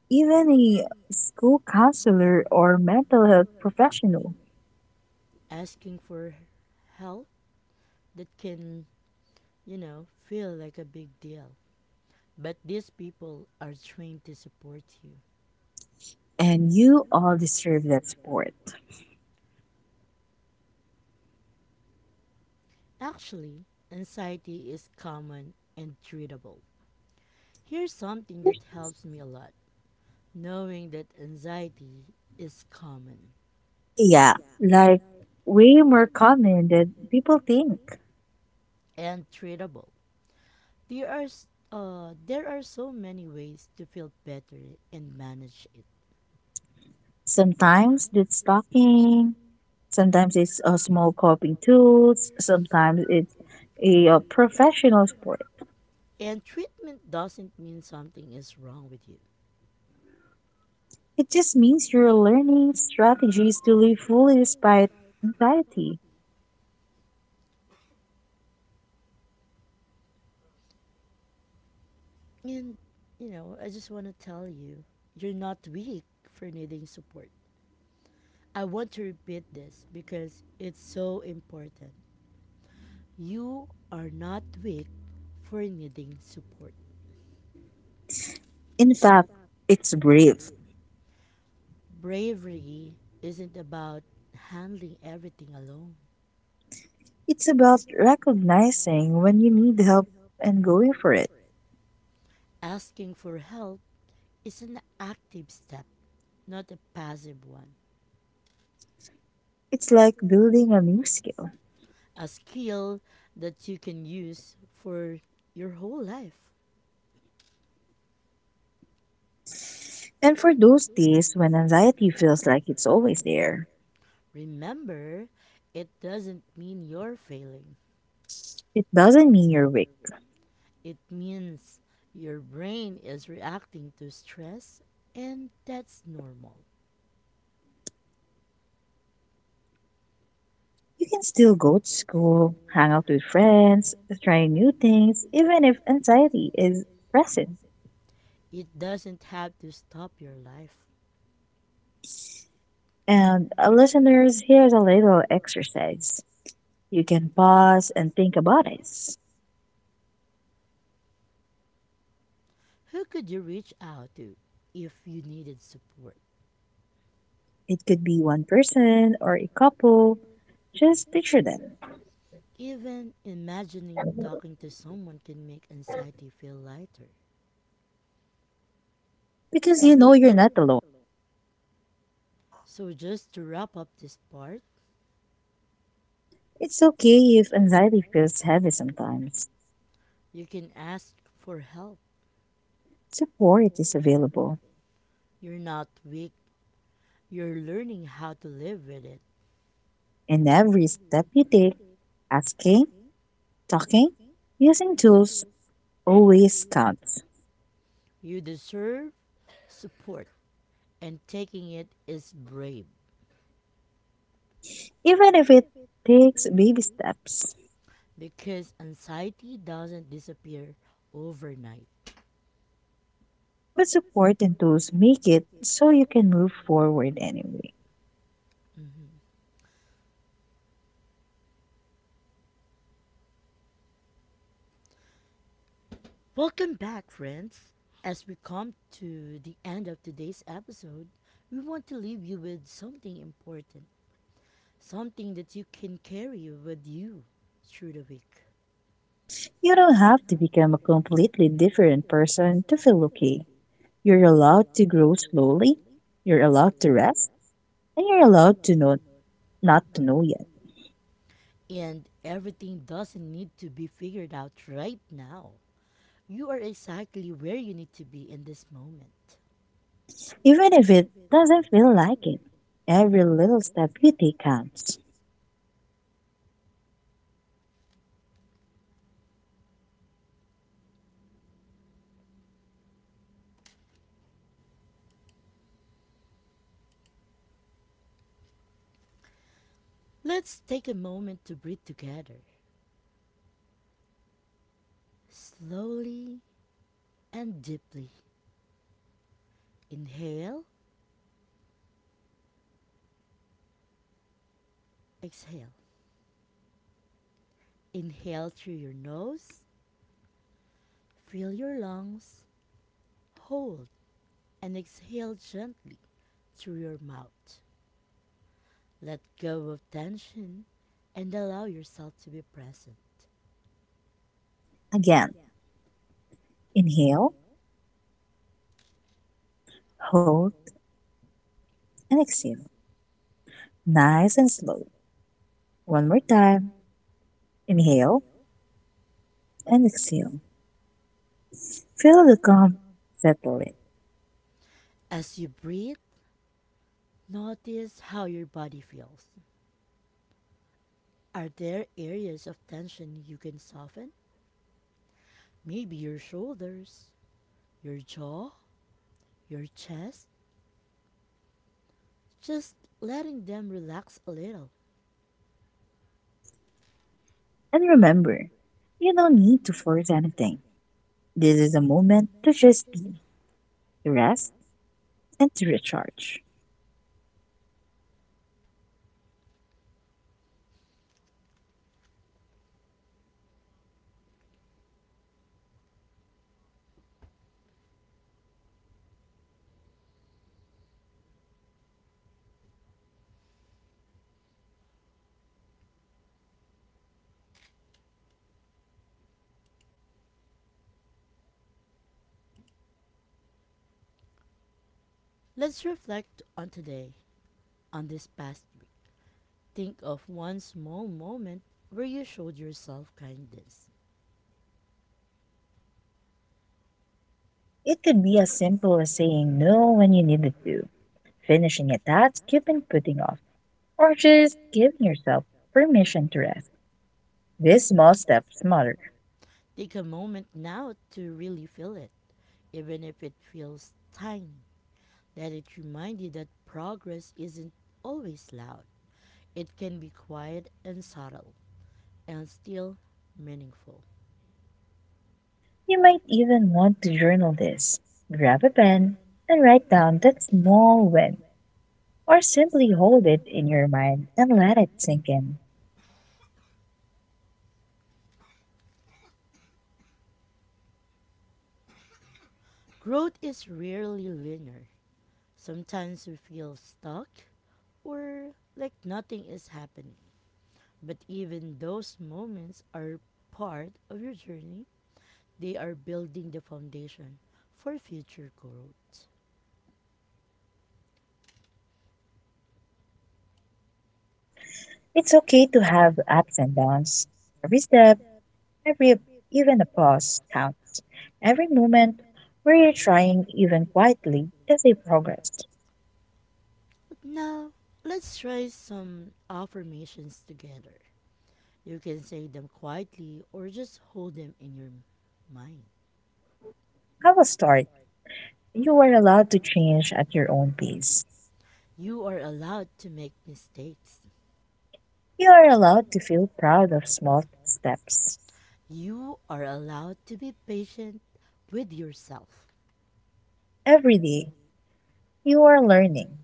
Speaker 2: Even a school counselor or mental health professional?
Speaker 1: Asking for help that can, feel like a big deal. But these people are trained to support you.
Speaker 2: And you all deserve that support.
Speaker 1: Actually, anxiety is common and treatable. Here's something that helps me a lot knowing that anxiety is common
Speaker 2: Yeah, like way more common than people think.
Speaker 1: and treatable. There are, s- there are so many ways to feel better and manage it.
Speaker 2: Sometimes it's talking, sometimes it's a small coping tools, sometimes it's a, professional support.
Speaker 1: And treatment doesn't mean something is wrong with you.
Speaker 2: It just means you're learning strategies to live fully despite anxiety.
Speaker 1: And, I just want to tell you, you're not weak for needing support. I want to repeat this because it's so important. You are not weak for needing support.
Speaker 2: In fact, it's brave.
Speaker 1: Bravery isn't about handling everything alone.
Speaker 2: It's about recognizing when you need help and going for it.
Speaker 1: Asking for help is an active step, not a passive one.
Speaker 2: It's like building a new skill.
Speaker 1: A skill that you can use for your whole life.
Speaker 2: And for those days when anxiety feels like it's always there,
Speaker 1: Remember, it doesn't mean you're failing,
Speaker 2: it doesn't mean you're weak.
Speaker 1: it means your brain is reacting to stress, and that's normal.
Speaker 2: You can still go to school, hang out with friends, try new things, even if anxiety is present.
Speaker 1: It doesn't have to stop your life.
Speaker 2: And listeners, here's a little exercise. You can pause and think about it.
Speaker 1: Who could you reach out to if you needed support?
Speaker 2: It could be one person or a couple. Just picture them.
Speaker 1: Even imagining talking to someone can make anxiety feel lighter.
Speaker 2: Because you know you're not alone.
Speaker 1: So, just to wrap up this part,
Speaker 2: It's okay if anxiety feels heavy sometimes.
Speaker 1: you can ask for help.
Speaker 2: Support is available.
Speaker 1: You're not weak, you're learning how to live with it.
Speaker 2: And every step you take, asking, talking, using tools always counts.
Speaker 1: You deserve support, and taking it is brave
Speaker 2: Even if it takes baby steps.
Speaker 1: because anxiety doesn't disappear overnight.
Speaker 2: But support and tools make it so you can move forward anyway.
Speaker 1: Mhm. Welcome back, friends. As we come to the end of today's episode, we want to leave you with something important, something that you can carry with you through the week.
Speaker 2: You don't have to become a completely different person to feel okay. You're allowed to grow slowly, you're allowed to rest, and you're allowed to know not to know yet.
Speaker 1: And everything doesn't need to be figured out right now. You are exactly where you need to be in this moment.
Speaker 2: Even if it doesn't feel like it, every little step you take counts.
Speaker 1: Let's take a moment to breathe together. Slowly and deeply. Inhale, exhale. Inhale through your nose, fill your lungs, hold, and exhale gently through your mouth. Let go of tension and allow yourself to be present.
Speaker 2: Again, inhale, hold, and exhale. Nice and slow. One more time. Inhale and exhale. Feel the calm, settle it.
Speaker 1: As you breathe, notice how your body feels. Are there areas of tension you can soften? Maybe your shoulders, your jaw, your chest? Just letting them relax a little.
Speaker 2: And remember, you don't need to force anything. This is a moment to just be. Rest, and to recharge.
Speaker 1: Let's reflect on today, on this past week. Think of one small moment where you showed yourself kindness.
Speaker 2: It could be as simple as saying no when you needed to, finishing a task you've been putting off, or just giving yourself permission to rest. These small steps matter.
Speaker 1: Take a moment now to really feel it, even if it feels tiny. Let it remind you that progress isn't always loud. It can be quiet and subtle, and still meaningful.
Speaker 2: You might even want to journal this. Grab a pen and write down that small win, or simply hold it in your mind and let it sink in.
Speaker 1: Growth is rarely linear. Sometimes we feel stuck or like nothing is happening. But even those moments are part of your journey. They are building the foundation for future growth.
Speaker 2: It's okay to have ups and downs. Every step every even a pause counts. Every moment where you're trying even quietly is a progress.
Speaker 1: But now, let's try some affirmations together. You can say them quietly or just hold them in your mind.
Speaker 2: I will start. You are allowed to change at your own pace.
Speaker 1: You are allowed to make mistakes.
Speaker 2: You are allowed to feel proud of small steps.
Speaker 1: You are allowed to be patient with yourself.
Speaker 2: Every day, you are learning,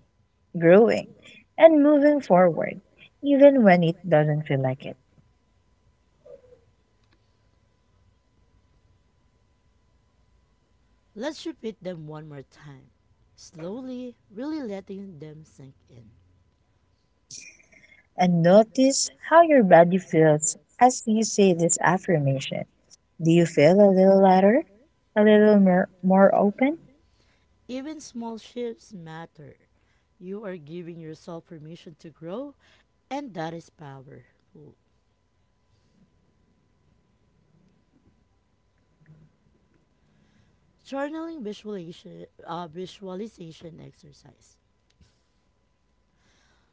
Speaker 2: growing, and moving forward, even when it doesn't feel like it.
Speaker 1: Let's repeat them one more time, slowly, really letting them sink in.
Speaker 2: And notice how your body feels as you say this affirmation. Do you feel a little lighter? A little more open?
Speaker 1: Even small shifts matter. You are giving yourself permission to grow, and that is powerful. Journaling visualization, visualization exercise.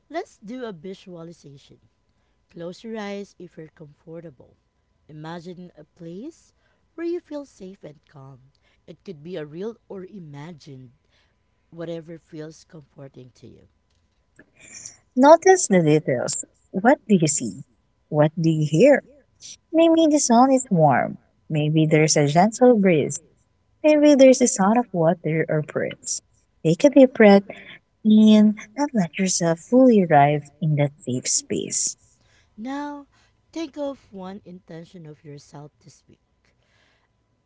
Speaker 1: Let's do a visualization. Close your eyes if you're comfortable. Imagine a place where you feel safe and calm. It could be a real or imagined, whatever feels comforting to you.
Speaker 2: Notice the details. What do you see? What do you hear? Maybe the sun is warm. Maybe there's a gentle breeze. Maybe there's the sound of water or birds. Take a deep breath in and let yourself fully arrive in that safe space.
Speaker 1: Now, think of one intention of yourself this week.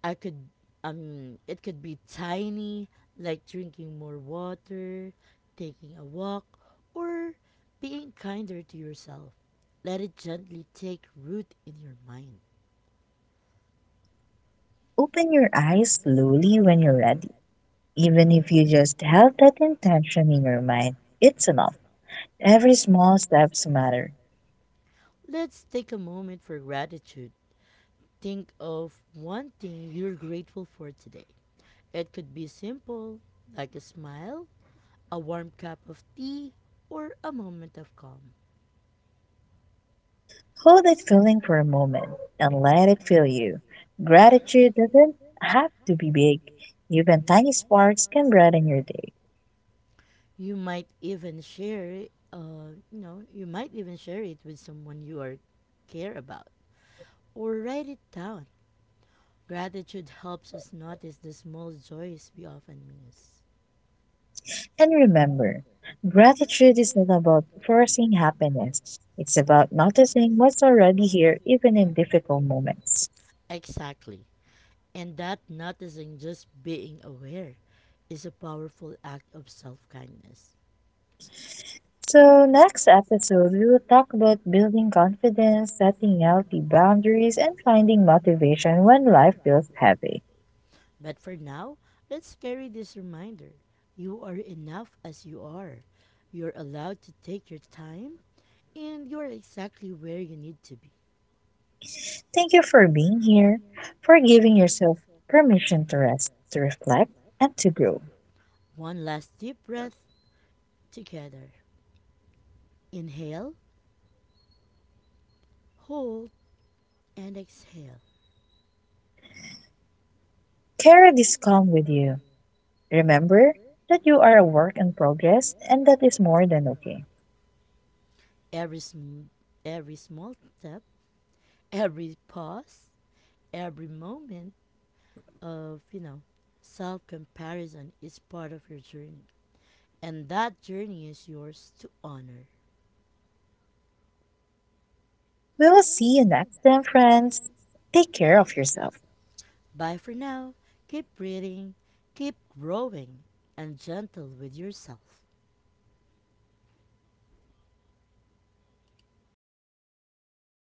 Speaker 1: I could It could be tiny, like drinking more water, taking a walk, or being kinder to yourself. Let it gently take root in your mind.
Speaker 2: Open your eyes slowly when you're ready. Even if you just have that intention in your mind, it's enough. Every small steps matter.
Speaker 1: Let's take a moment for gratitude. Think of one thing you're grateful for today. It could be simple, like a smile, a warm cup of tea, or a moment of calm.
Speaker 2: Hold that feeling for a moment and let it fill you. Gratitude doesn't have to be big, even tiny sparks can brighten your day.
Speaker 1: You might even you might even share it with someone you are care about, or write it down. Gratitude helps us notice the small joys we often miss.
Speaker 2: And remember, gratitude is not about forcing happiness, it's about noticing what's already here, even in difficult moments.
Speaker 1: Exactly. And that noticing just being aware is a powerful act of self kindness.
Speaker 2: So, next episode, we will talk about building confidence, setting healthy boundaries, and finding motivation when life feels heavy.
Speaker 1: But for now, let's carry this reminder you are enough as you are. You're allowed to take your time, and you're exactly where you need to be.
Speaker 2: Thank you for being here, for giving yourself permission to rest, to reflect, and to grow.
Speaker 1: One last deep breath together. Inhale, hold, and exhale.
Speaker 2: Carry this calm with you. Remember that you are a work in progress and that is more than okay.
Speaker 1: Every, sm- every small step, every pause, every moment of, self comparison is part of your journey. And that journey is yours to honor.
Speaker 2: We will see you next time, friends. Take care of yourself.
Speaker 1: Bye for now. Keep breathing, keep growing, and gentle with yourself.